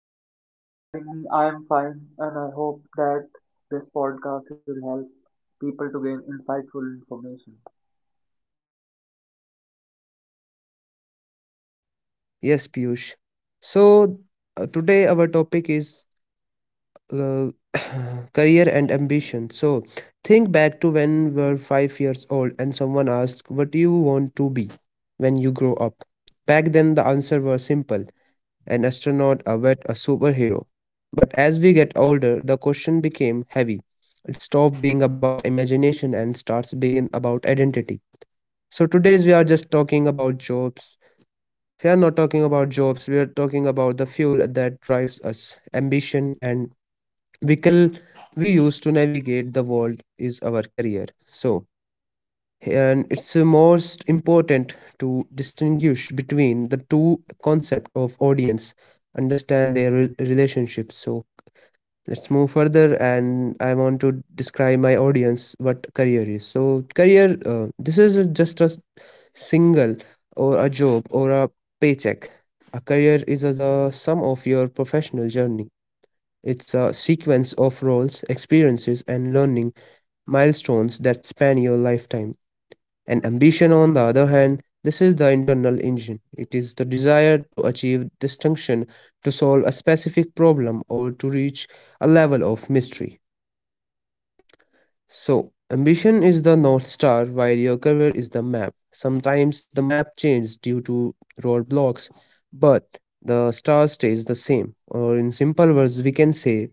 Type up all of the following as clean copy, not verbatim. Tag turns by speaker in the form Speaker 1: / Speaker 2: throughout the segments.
Speaker 1: Thank you, Juliet, for having me. I am fine, and I hope that this podcast will help people to gain insightful information.
Speaker 2: Yes, Piyush. So, today our topic is uh, career and ambition. So think back to when we were 5 years old and someone asked, what do you want to be when you grow up? Back then, the answer was simple: an astronaut, a vet, a superhero. But as we get older, the question became heavy. It stopped being about imagination and starts being about identity. So today's we are just talking about jobs. We are not talking about jobs, we are talking about the fuel that drives us, ambition, and vehicle we use to navigate the world is our career. So, and it's most important to distinguish between the two concept of audience, understand their relationship. So, let's move further, and I want to describe my audience what career is. So, career, this is just a single or a job or a paycheck. A career is the sum of your professional journey, it's a sequence of roles, experiences, and learning milestones that span your lifetime. And ambition, on the other hand, this is the internal engine. It is the desire to achieve distinction, to solve a specific problem, or to reach a level of mystery. So, ambition is the North Star, while your career is the map. Sometimes the map changes due to roadblocks, but the star stays the same. Or, in simple words, we can say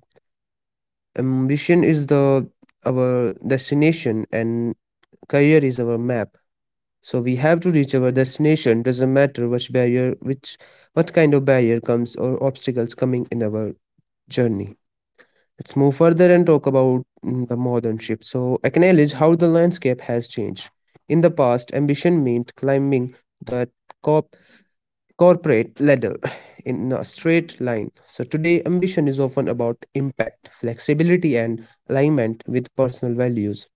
Speaker 2: ambition is the our destination and career is our map, so we have to reach our destination, doesn't matter which barrier, which what kind of barrier comes or obstacles coming in our journey. Let's move further and talk about the modern shift. So acknowledge how the landscape has changed. In the past, ambition meant climbing the top corporate ladder in a straight line. So today ambition is often about impact, flexibility, and alignment with personal values.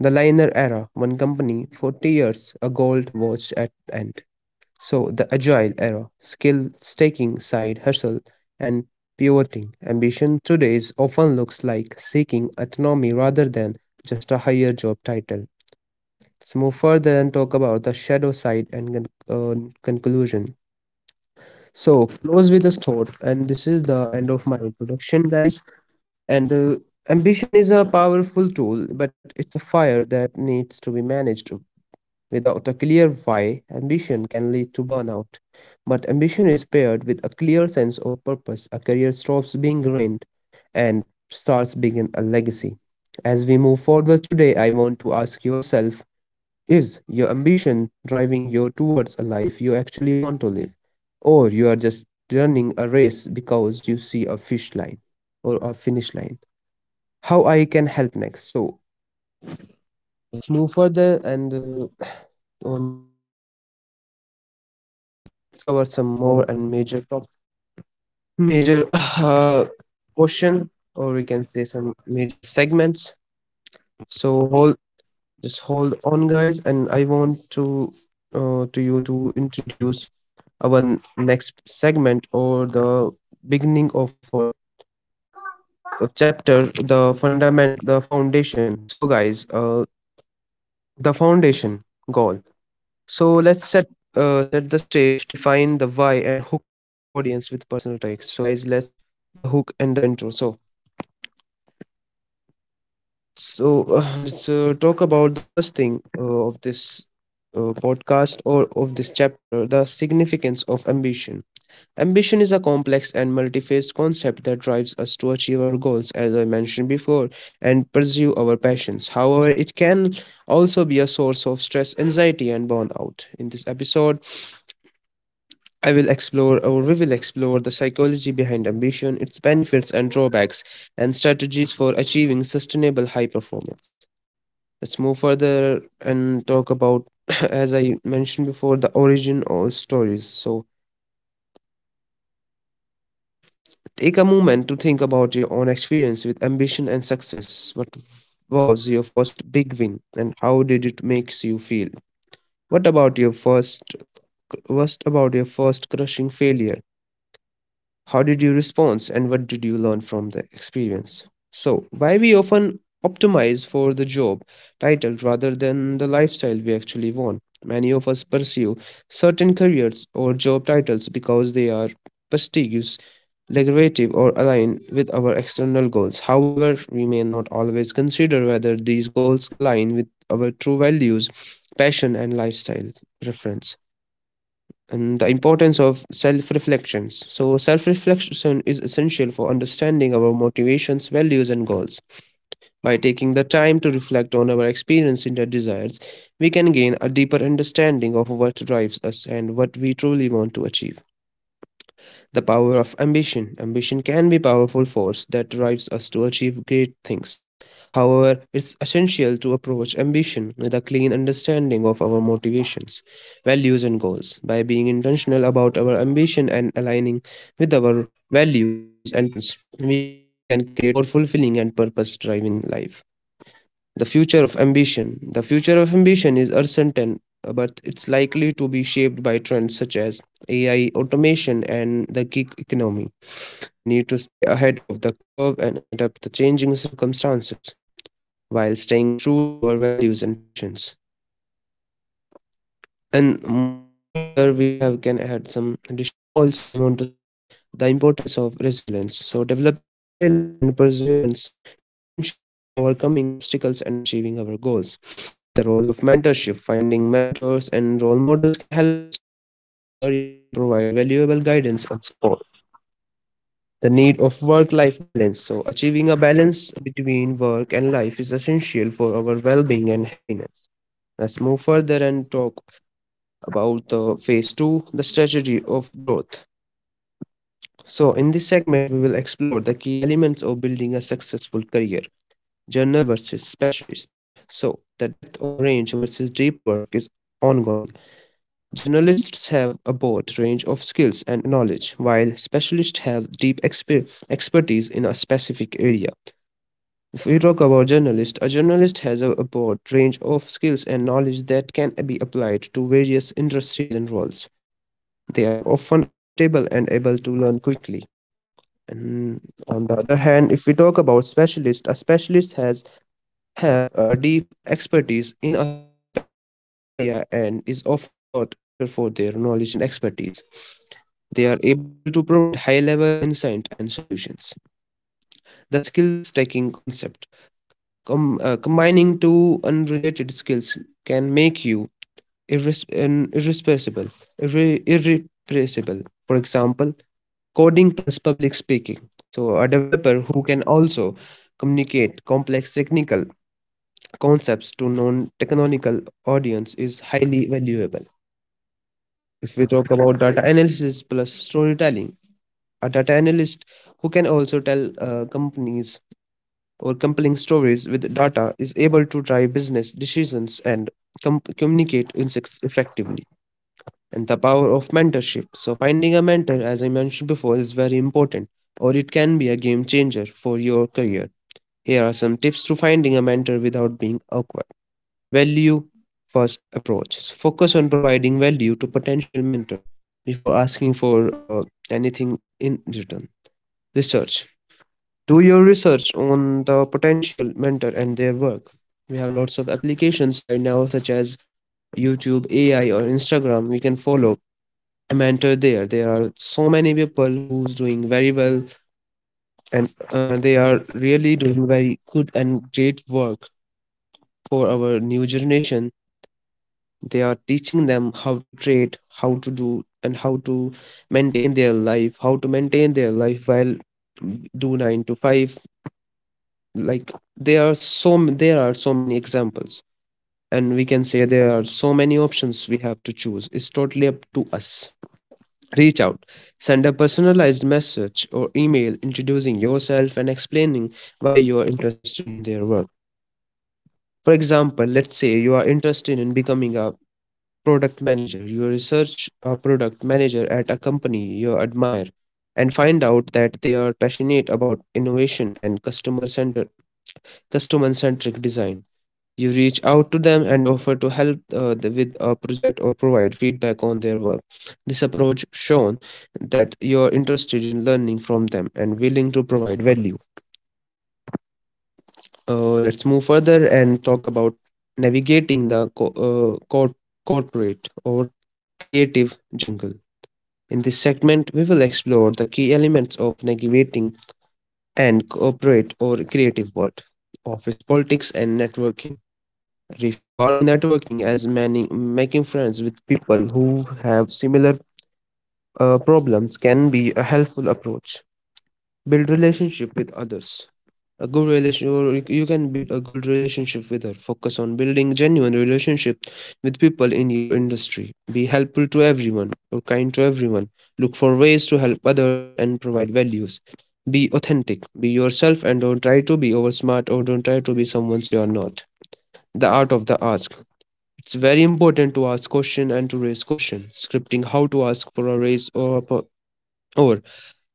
Speaker 2: The Liner era, one company, 40 years, a gold watch at the end. So the agile era, skill staking, side hustle, and pivoting. Ambition today is often looks like seeking autonomy rather than just a higher job title. Let's move further and talk about the shadow side and conclusion. So, close with this thought, and this is the end of my introduction, guys. And ambition is a powerful tool, but it's a fire that needs to be managed. Without a clear why, ambition can lead to burnout. But ambition is paired with a clear sense of purpose. A career stops being ruined and starts being a legacy. As we move forward today, I want to ask yourself, is your ambition driving you towards a life you actually want to live? Or you are just running a race because you see a fish line or a finish line? How I can help next? So, let's move further and or let's cover some more and major top major portion, or we can say some major segments. So hold, just hold on guys, and I want to you to introduce our next segment or the beginning of our chapter, the fundament the foundation. So guys, the foundation goal. So let's set, set the stage, define the why, and hook the audience with personal takes. So guys, let's the hook and the intro. So, let's talk about the first thing of this podcast or of this chapter, the significance of ambition. Ambition is a complex and multiphase concept that drives us to achieve our goals, as I mentioned before, and pursue our passions. However, it can also be a source of stress, anxiety, and burnout. In this episode, I will explore or we will explore the psychology behind ambition, its benefits and drawbacks, and strategies for achieving sustainable high performance. Let's move further and talk about, as I mentioned before, the origin or stories. So, take a moment to think about your own experience with ambition and success. What was your first big win and how did it makes you feel? What about your first what about your first crushing failure? How did you respond and what did you learn from the experience? So, why we often optimize for the job title rather than the lifestyle we actually want. Many of us pursue certain careers or job titles because they are prestigious derivative or align with our external goals. However, we may not always consider whether these goals align with our true values, passion, and lifestyle preference. And the importance of self reflections. So, self reflection is essential for understanding our motivations, values, and goals. By taking the time to reflect on our experience and our desires, we can gain a deeper understanding of what drives us and what we truly want to achieve. The power of ambition. Ambition can be a powerful force that drives us to achieve great things. However, it's essential to approach ambition with a clean understanding of our motivations, values, and goals. By being intentional about our ambition and aligning with our values and passions, we can create a more fulfilling and purpose driven life. The future of ambition. The future of ambition is uncertain, but it's likely to be shaped by trends such as AI, automation, and the gig economy. We need to stay ahead of the curve and adapt to changing circumstances while staying true to our values and passions. And moving further, we have can add some additional points I want to say. The importance of resilience. So, developing resilience and perseverance is essential for overcoming obstacles and achieving our goals. The role of mentorship, finding mentors and role models can help us to navigate our careers and provide valuable guidance and support. The need of work life balance. So, achieving a balance between work and life is essential for our well being and happiness. Let's move further and talk about the phase two, the strategy of growth. So, in this segment, we will explore the key elements of building a successful career, journal versus specialist. So, the depth of range versus deep work is ongoing. Journalists have a broad range of skills and knowledge, while specialists have expertise in a specific area. If we talk about journalist, a journalist has a broad range of skills and knowledge that can be applied to various industries and roles. They are often adaptable and able to learn quickly. And on the other hand, if we talk about specialists, a specialist has have a deep expertise in a specific area and is often sought after for their knowledge and expertise. They are able to provide high level insight and solutions. The skill stacking concept, combining two unrelated skills can make you irreplaceable. Irreplaceable. For example, coding plus public speaking. So, a developer who can also communicate complex technical concepts to non technical audience is highly valuable. If we talk about data analysis plus storytelling, a data analyst who can also tell companies or compelling stories with data is able to drive business decisions and communicate insights effectively. And the power of mentorship. So, finding a mentor, as I mentioned before, is very important, or it can be a game changer for your career. Here are some tips to finding a mentor without being awkward. Value first approach. Focus on providing value to potential mentor before asking for uh, anything in return. Research. Do your research on the potential mentor and their work. We have lots of applications right now, such as YouTube, AI, or Instagram. We can follow a mentor there. There are so many people who's doing very well, and they are really doing very good and great work for our new generation. They are teaching them how to trade, how to do, and how to how to maintain their life while do 9 to 5. Like there are there are so many examples, and we can say there are so many options we have to choose. It's totally up to us. Reach out, send a personalized message or email introducing yourself and explaining why you are interested in their work. For example, let's say you are interested in becoming a product manager. You research a product manager at a company you admire and find out that they are passionate about innovation and customer centric design. You reach out to them and offer to help with a project or provide feedback on their work. This approach shown that you're interested in learning from them and willing to provide value. Let's move further and talk about navigating the corporate or creative jungle. In this segment, we will explore the key elements of navigating and corporate or creative world, office politics and networking. Reforming networking as many making friends with people who have similar problems can be a helpful approach, build relationship with others, a good relation or you can build a good relationship with her. Focus on building genuine relationship with people in your industry, be helpful to everyone or kind to everyone, look for ways to help others and provide values, be authentic, be yourself, and don't try to be over smart or don't try to be someone you are not. The art of the ask. It's very important to ask question and to raise question. Scripting how to ask for a raise or or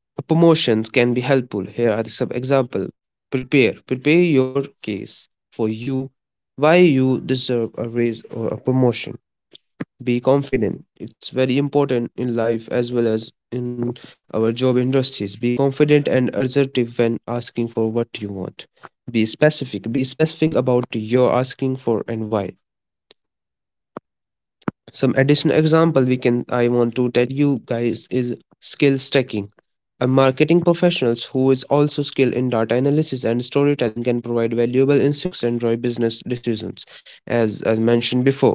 Speaker 2: a promotion can be helpful. Here are some example. Prepare. Prepare your case for you, why you deserve a raise or a promotion. Be confident. It's very important in life as well as in our job industries. Be confident and assertive when asking for what you want. Be specific. Be specific about your asking for and why. Some additional example we can I want to tell you guys is skill stacking. A marketing professionals who is also skilled in data analysis and storytelling can provide valuable insights and drive business decisions, as mentioned before.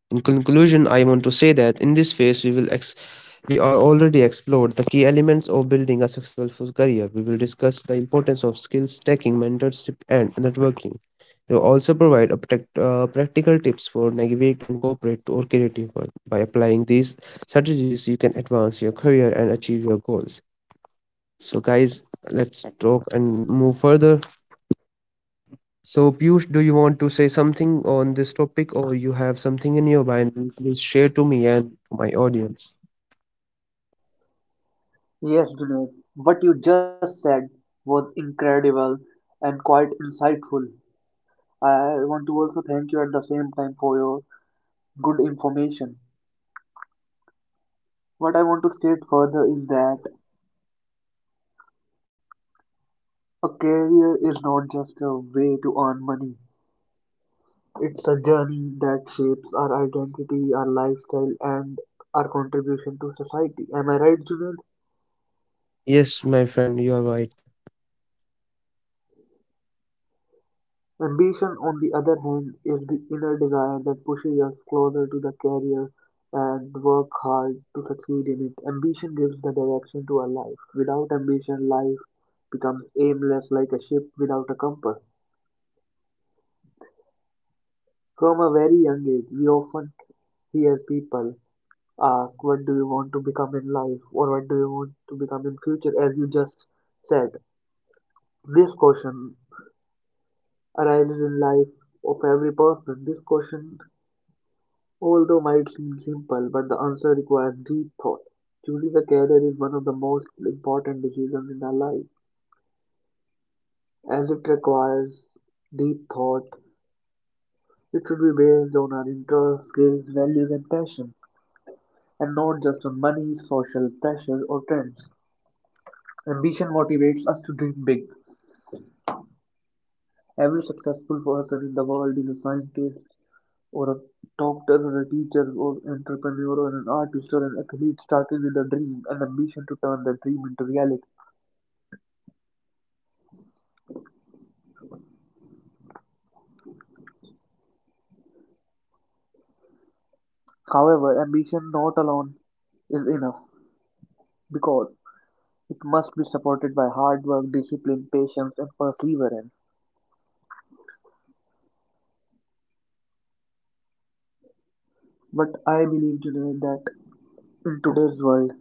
Speaker 2: In conclusion, I want to say that in this phase we are already explored the key elements of building a successful career. We will discuss the importance of skills stacking, mentorship, and networking. We will also provide a practical tips for navigate and cooperate or creative work. By applying these strategies, you can advance your career and achieve your goals. So, guys, let's talk and move further. So, Piyush, do you want to say something on this topic, or you have something in your mind? Please share to me and to my audience.
Speaker 1: Yes, Junaid, what you just said was incredible and quite insightful. I want to also thank you at the same time for your good information. What I want to state further is that a career is not just a way to earn money. It's a journey that shapes our identity, our lifestyle, and our contribution to society. Am I right, Junaid?
Speaker 2: Yes, my friend, you are right.
Speaker 1: Ambition, on the other hand, is the inner desire that pushes us closer to the career and work hard to succeed in it. Ambition gives the direction to our life. Without ambition, life becomes aimless like a ship without a compass. From a very young age, we often hear people ask, what do you want to become in life, or what do you want to become in future? As you just said, this question arises in life of every person. This question, although might seem simple, but the answer requires deep thought. Choosing a career is one of the most important decisions in our life, as it requires deep thought. It should be based on our interests, skills, values and passion, and not just on money, social pressure or trends. Ambition motivates us to dream big. Every successful person in the world is a scientist or a doctor or a teacher or entrepreneur or an artist or an athlete, starting with a dream and ambition to turn that dream into reality. However, ambition not alone is enough, because it must be supported by hard work, discipline, patience, and perseverance. But I believe today that in today's world,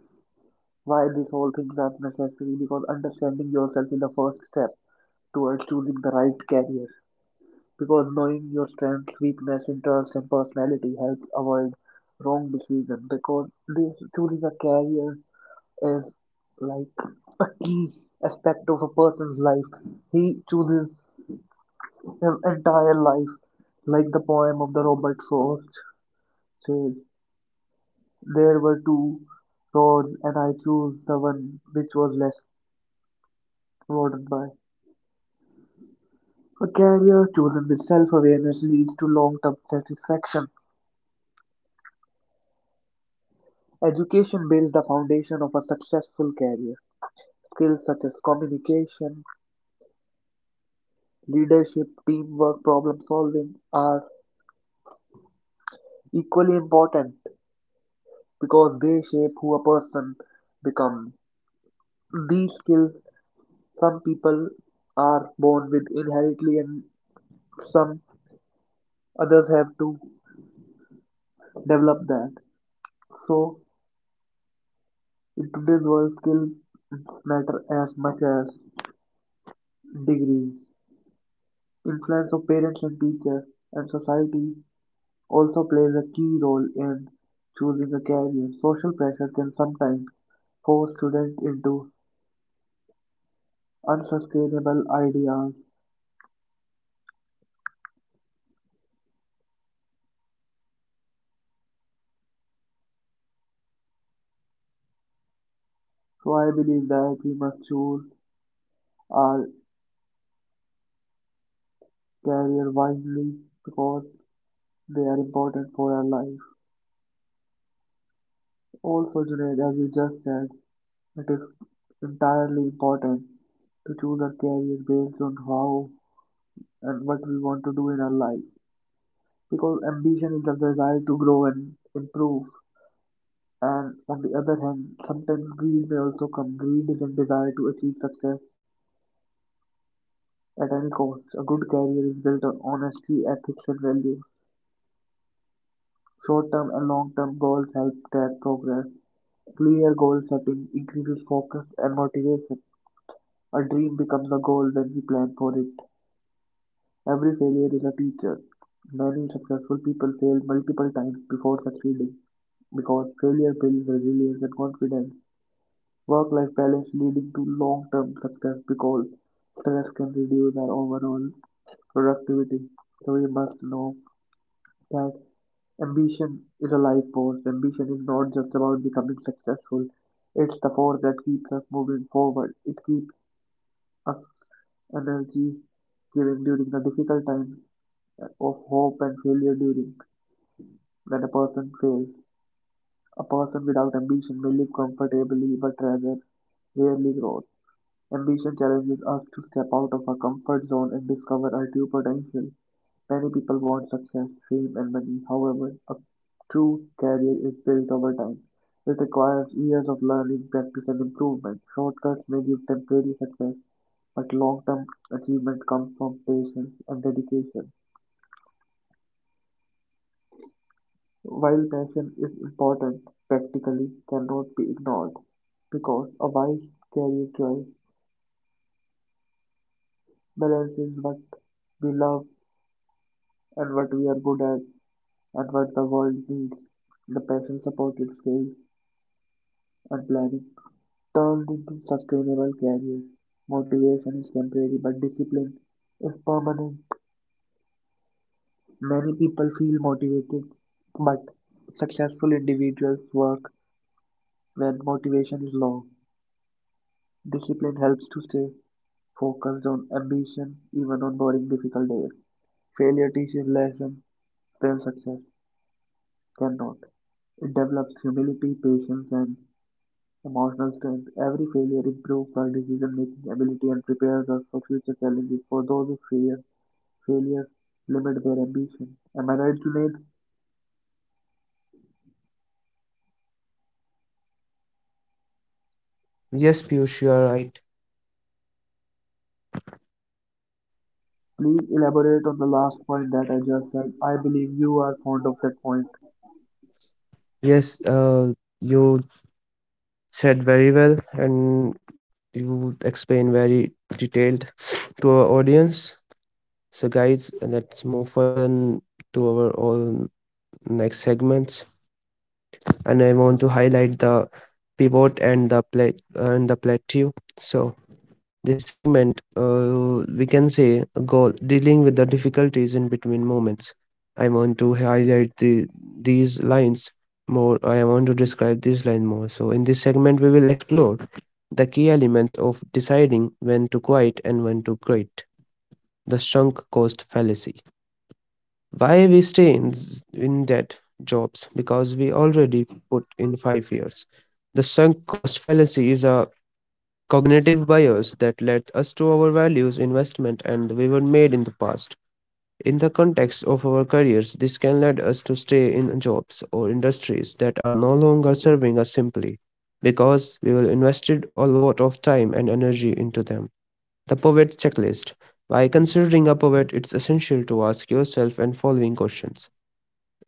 Speaker 1: why these all things are necessary, because understanding yourself is the first step towards choosing the right career. Because knowing your strengths, weakness, interests, and personality helps avoid wrong decisions. Because this choosing a career is like a key aspect of a person's life. He chooses his entire life, like the poem of the Robert Frost says. There were two roads, and I chose the one which was less trodden by. A career chosen with self-awareness leads to long-term satisfaction. Education builds the foundation of a successful career. Skills such as communication, leadership, teamwork, problem solving are equally important because they shape who a person becomes. These skills, some people are born with inherently, and some others have to develop that. So, in today's world, skills matter as much as degrees. Influence of parents and teachers and society also plays a key role in choosing a career. Social pressure can sometimes force students into unsustainable ideas. So I believe that we must choose our career wisely, because they are important for our life. Also, Junaid, as you just said, it is entirely important to choose our career based on how and what we want to do in our life. Because ambition is the desire to grow and improve. And on the other hand, sometimes greed may also come. Greed is a desire to achieve success at any cost. A good career is built on honesty, ethics, and values. Short term and long term goals help track progress. Clear goal setting increases focus and motivation. A dream becomes a goal when we plan for it. Every failure is a teacher. Many successful people fail multiple times before succeeding, because failure builds resilience and confidence. Work-life balance leading to long-term success, because stress can reduce our overall productivity. So we must know that ambition is a life force. Ambition is not just about becoming successful. It's the force that keeps us moving forward. It keeps us energy giving during the difficult times of hope and failure during when a person fails. A person without ambition may live comfortably but rather rarely grows. Ambition challenges us to step out of our comfort zone and discover our true potential. Many people want success, fame, and money. However, a true career is built over time. It requires years of learning, practice, and improvement. Shortcuts may give temporary success, but long term achievement comes from patience and dedication. While passion is important, practically cannot be ignored, because a wise career choice balances what we love and what we are good at and what the world needs. The passion supported skills and planning turns into sustainable career. Motivation is temporary but discipline is permanent. Many people feel motivated, but successful individuals work when motivation is low. Discipline helps to stay focused on ambition even on boring difficult days. Failure teaches lessons when success cannot. It develops humility, patience and emotional strength. Every failure improves our decision-making ability and prepares us for future challenges. For those who fear failure, limit their ambition. Am I right, Junaid?
Speaker 2: Yes, Piyush, you are right.
Speaker 1: Please elaborate on the last point that I just said. I believe you are fond of that point.
Speaker 2: Yes, you said very well, and you explained very detailed to our audience. So, guys, let's move further to our all next segments, and I want to highlight the pivot and the plateau. So, this segment, we can say, go dealing with the difficulties in between moments. I want to highlight these lines more. I want to describe these line more. So in this segment, we will explore the key elements of deciding when to quit and when to quit. The sunk cost fallacy. Why we stay in that jobs? Because we already put in 5 years. The sunk cost fallacy is a cognitive bias that led us to our values, investment, and we were made in the past. In the context of our careers, this can lead us to stay in jobs or industries that are no longer serving us simply because we will invested a lot of time and energy into them. The poet checklist. By considering a poet, it's essential to ask yourself and following questions.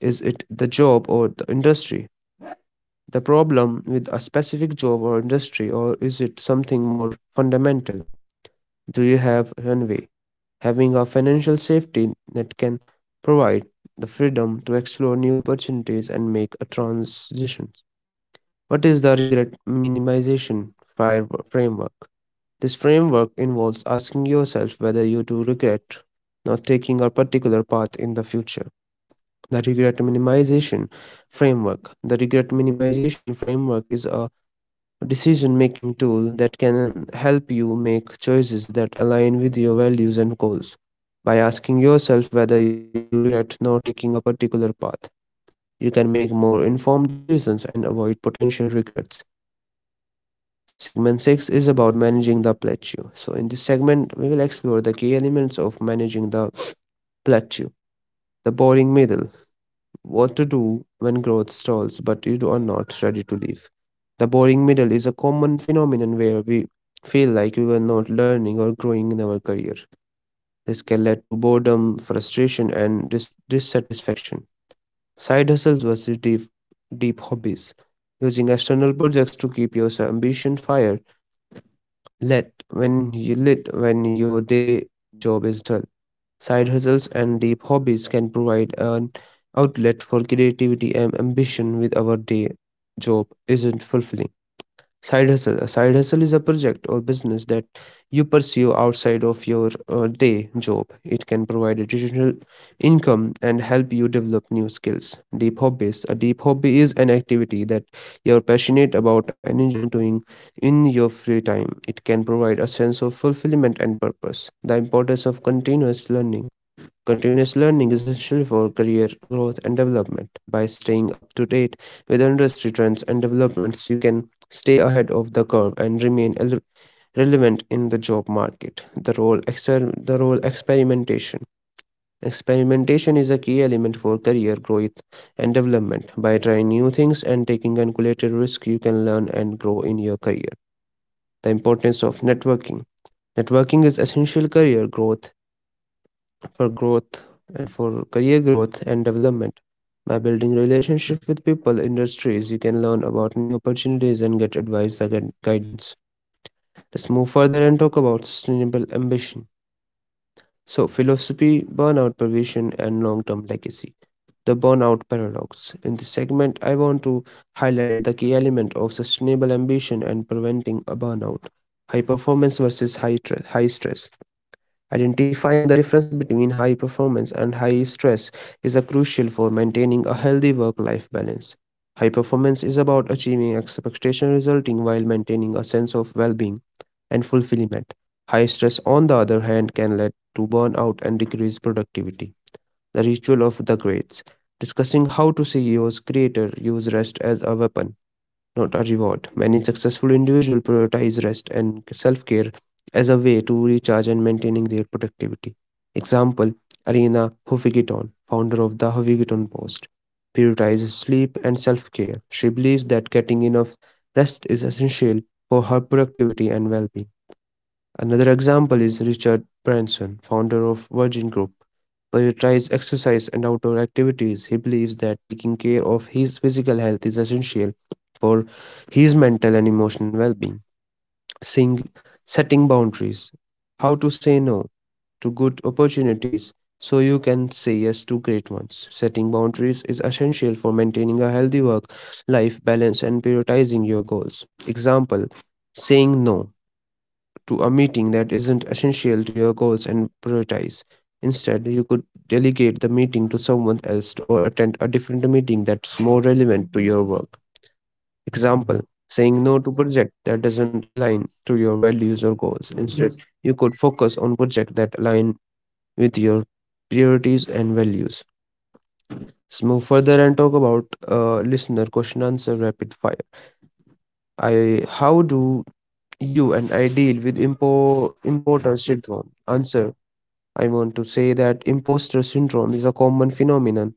Speaker 2: Is it the job or the industry? The problem with a specific job or industry, or is it something more fundamental? Do you have runway? Having a financial safety net can provide the freedom to explore new opportunities and make a transition. What is the regret minimization framework? This framework involves asking yourself whether you do regret not taking a particular path in the future. The regret minimization framework. The regret minimization framework is a decision making tool that can help you make choices that align with your values and goals. By asking yourself whether you do regret not taking a particular path, you can make more informed decisions and avoid potential regrets. Segment 6 is about managing the plateau. So, in this segment, we will explore the key elements of managing the plateau, the boring middle, what to do when growth stalls but you are not ready to leave. The boring middle is a common phenomenon where we feel like we were not learning or growing in our career. This can lead to boredom, frustration, and dissatisfaction. Side hustles versus deep hobbies. Using external projects to keep your ambition fire lit when you lit when your day job is dull. Side hustles and deep hobbies can provide an outlet for creativity and ambition with our day job isn't fulfilling. Side hustle. A side hustle is a project or business that you pursue outside of your day job. It can provide additional income and help you develop new skills. Deep hobbies. A deep hobby is an activity that you're passionate about and enjoying doing in your free time. It can provide a sense of fulfillment and purpose. The importance of continuous learning. Continuous learning is essential for career growth and development. By staying up to date with industry trends and developments, you can stay ahead of the curve and remain relevant in the job market. The the role experimentation. Experimentation is a key element for career growth and development. By trying new things and taking calculated risk, you can learn and grow in your career. The importance of networking. Networking is essential career growth for growth and for career growth and development. By building relationship with people, industries, you can learn about new opportunities and get advice and get guidance. Let's move further and talk about sustainable ambition. So, philosophy, burnout prevention, and long-term legacy. The burnout paradox. In this segment, I want to highlight the key element of sustainable ambition and preventing a burnout. High performance versus high stress. Identifying the difference between high performance and high stress is a crucial for maintaining a healthy work-life balance. High performance is about achieving expectation resulting while maintaining a sense of well-being and fulfillment. High stress, on the other hand, can lead to burnout and decrease productivity. The ritual of the greats. Discussing how to CEOs, creator use rest as a weapon, not a reward. Many successful individuals prioritize rest and self care as a way to recharge and maintaining their productivity. Example, Arena Huffington, founder of the Huffington Post, prioritizes sleep and self care. She believes that getting enough rest is essential for her productivity and well being. Another example is Richard Branson, founder of Virgin Group. Prioritize exercise and outdoor activities. He believes that taking care of his physical health is essential for his mental and emotional well-being. Sing, setting boundaries. How to say no to good opportunities so you can say yes to great ones. Setting boundaries is essential for maintaining a healthy work life balance and prioritizing your goals. Example, saying no to a meeting that isn't essential to your goals and prioritize. Instead, you could delegate the meeting to someone else or attend a different meeting that's more relevant to your work. Example, saying no to project that doesn't align to your values or goals. Instead, you could focus on projects that align with your priorities and values. Let's move further and talk about listener question answer rapid fire. I how do you and I deal with importer syndrome? Answer, I want to say that imposter syndrome is a common phenomenon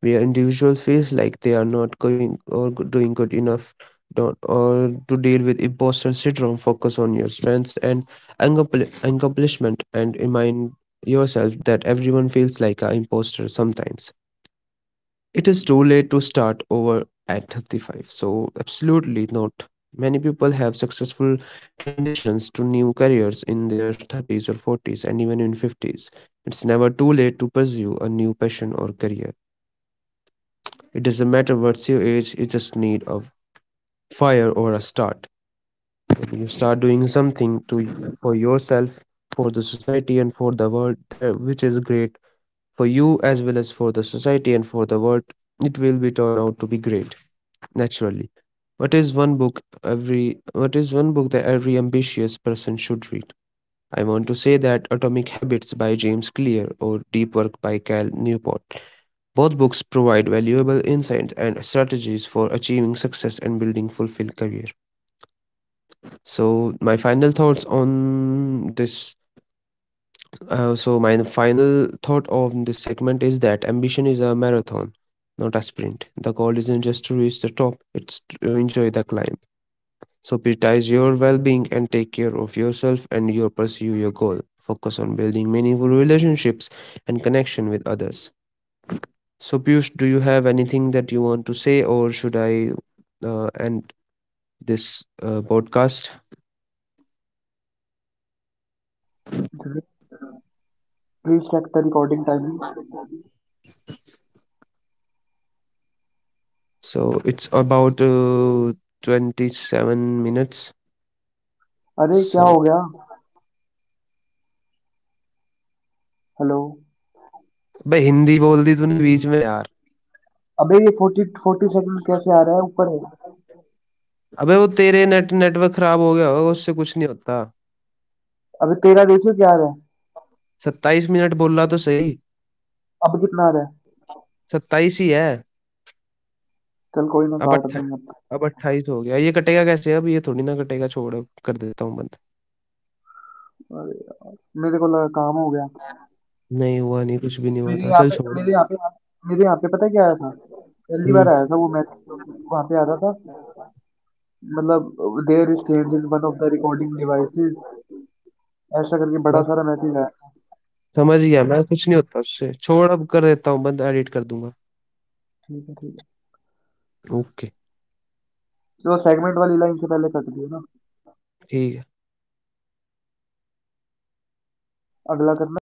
Speaker 2: where individuals feel like they are not going or doing good enough. Don't, or to deal with imposter syndrome, focus on your strengths and accomplishment and remind yourself that everyone feels like an imposter sometimes. It is too late to start over at 35. So, absolutely not. Many people have successful transitions to new careers in their 30s or 40s and even in 50s. It's never too late to pursue a new passion or career. It doesn't matter what's your age, you just need a fire or a start. When you start doing something to for yourself, for the society and for the world there which is great for you as well as for the society and for the world, it will be turned out to be great. Naturally. What is one book that every ambitious person should read? I want to say that Atomic Habits by James Clear or Deep Work by Cal Newport. Both books provide valuable insights and strategies for achieving success and building fulfilled career. So my final thoughts on this so my final thought of this segment is that ambition is a marathon, not a sprint. The goal isn't just to reach the top, it's to enjoy the climb. So prioritize your well-being and take care of yourself and your pursue your goal. Focus on building meaningful relationships and connection with others. So Piyush, do you have anything that you want to say, or should I end this podcast?
Speaker 1: Please check the recording timing.
Speaker 2: So it's about 27 minutes.
Speaker 1: अरे, क्या
Speaker 2: So
Speaker 1: हो गया? Hello.
Speaker 2: बे हिंदी बोल दी तूने बीच में यार।
Speaker 1: अबे ये 40 सेकंड कैसे आ रहा है ऊपर? है
Speaker 2: अबे वो तेरे नेटवर्क खराब हो गया होगा, उससे कुछ नहीं होता।
Speaker 1: अबे तेरा, देखियो क्या आ रहा है।
Speaker 2: 27 मिनट बोल रहा तो सही।
Speaker 1: अब कितना आ रहा
Speaker 2: 27 ही है।
Speaker 1: है? चल, कोई ना,
Speaker 2: अब
Speaker 1: काट
Speaker 2: अट्ठा,
Speaker 1: देंगे अब तो।
Speaker 2: अब 28 हो गया, ये कटेगा कैसे अब? ये थोड़ी ना कटेगा, छोड़ अब, कर देता हूँ बंद।
Speaker 1: अरे, मेरे को लगा काम हो गया।
Speaker 2: नहीं हुआ नहीं, कुछ भी नहीं हुआ
Speaker 1: मेरे
Speaker 2: था,
Speaker 1: यहाँ
Speaker 2: चल
Speaker 1: पे
Speaker 2: छोड़।
Speaker 1: मेरे यहाँ पे मेरे यहाँ पे पता है क्या आया था? पहली बार
Speaker 2: हुँ,
Speaker 1: आया था, वो मैसेज वहाँ पे आ रहा था। मतलब, there is change in one of the recording devices, ऐसा करके बड़ा
Speaker 2: अब
Speaker 1: सारा मैसेज आया था।
Speaker 2: समझ गया मैं, कुछ नहीं होता उससे, छोड़ अब कर देता हूँ बंद, एडिट कर दूँगा।
Speaker 1: ठीक है, ठीक है।
Speaker 2: ओके,
Speaker 1: तो सेगमेंट वाली लाइन से पहले कट दियो ना।
Speaker 2: ठीक है।
Speaker 1: अगला करना।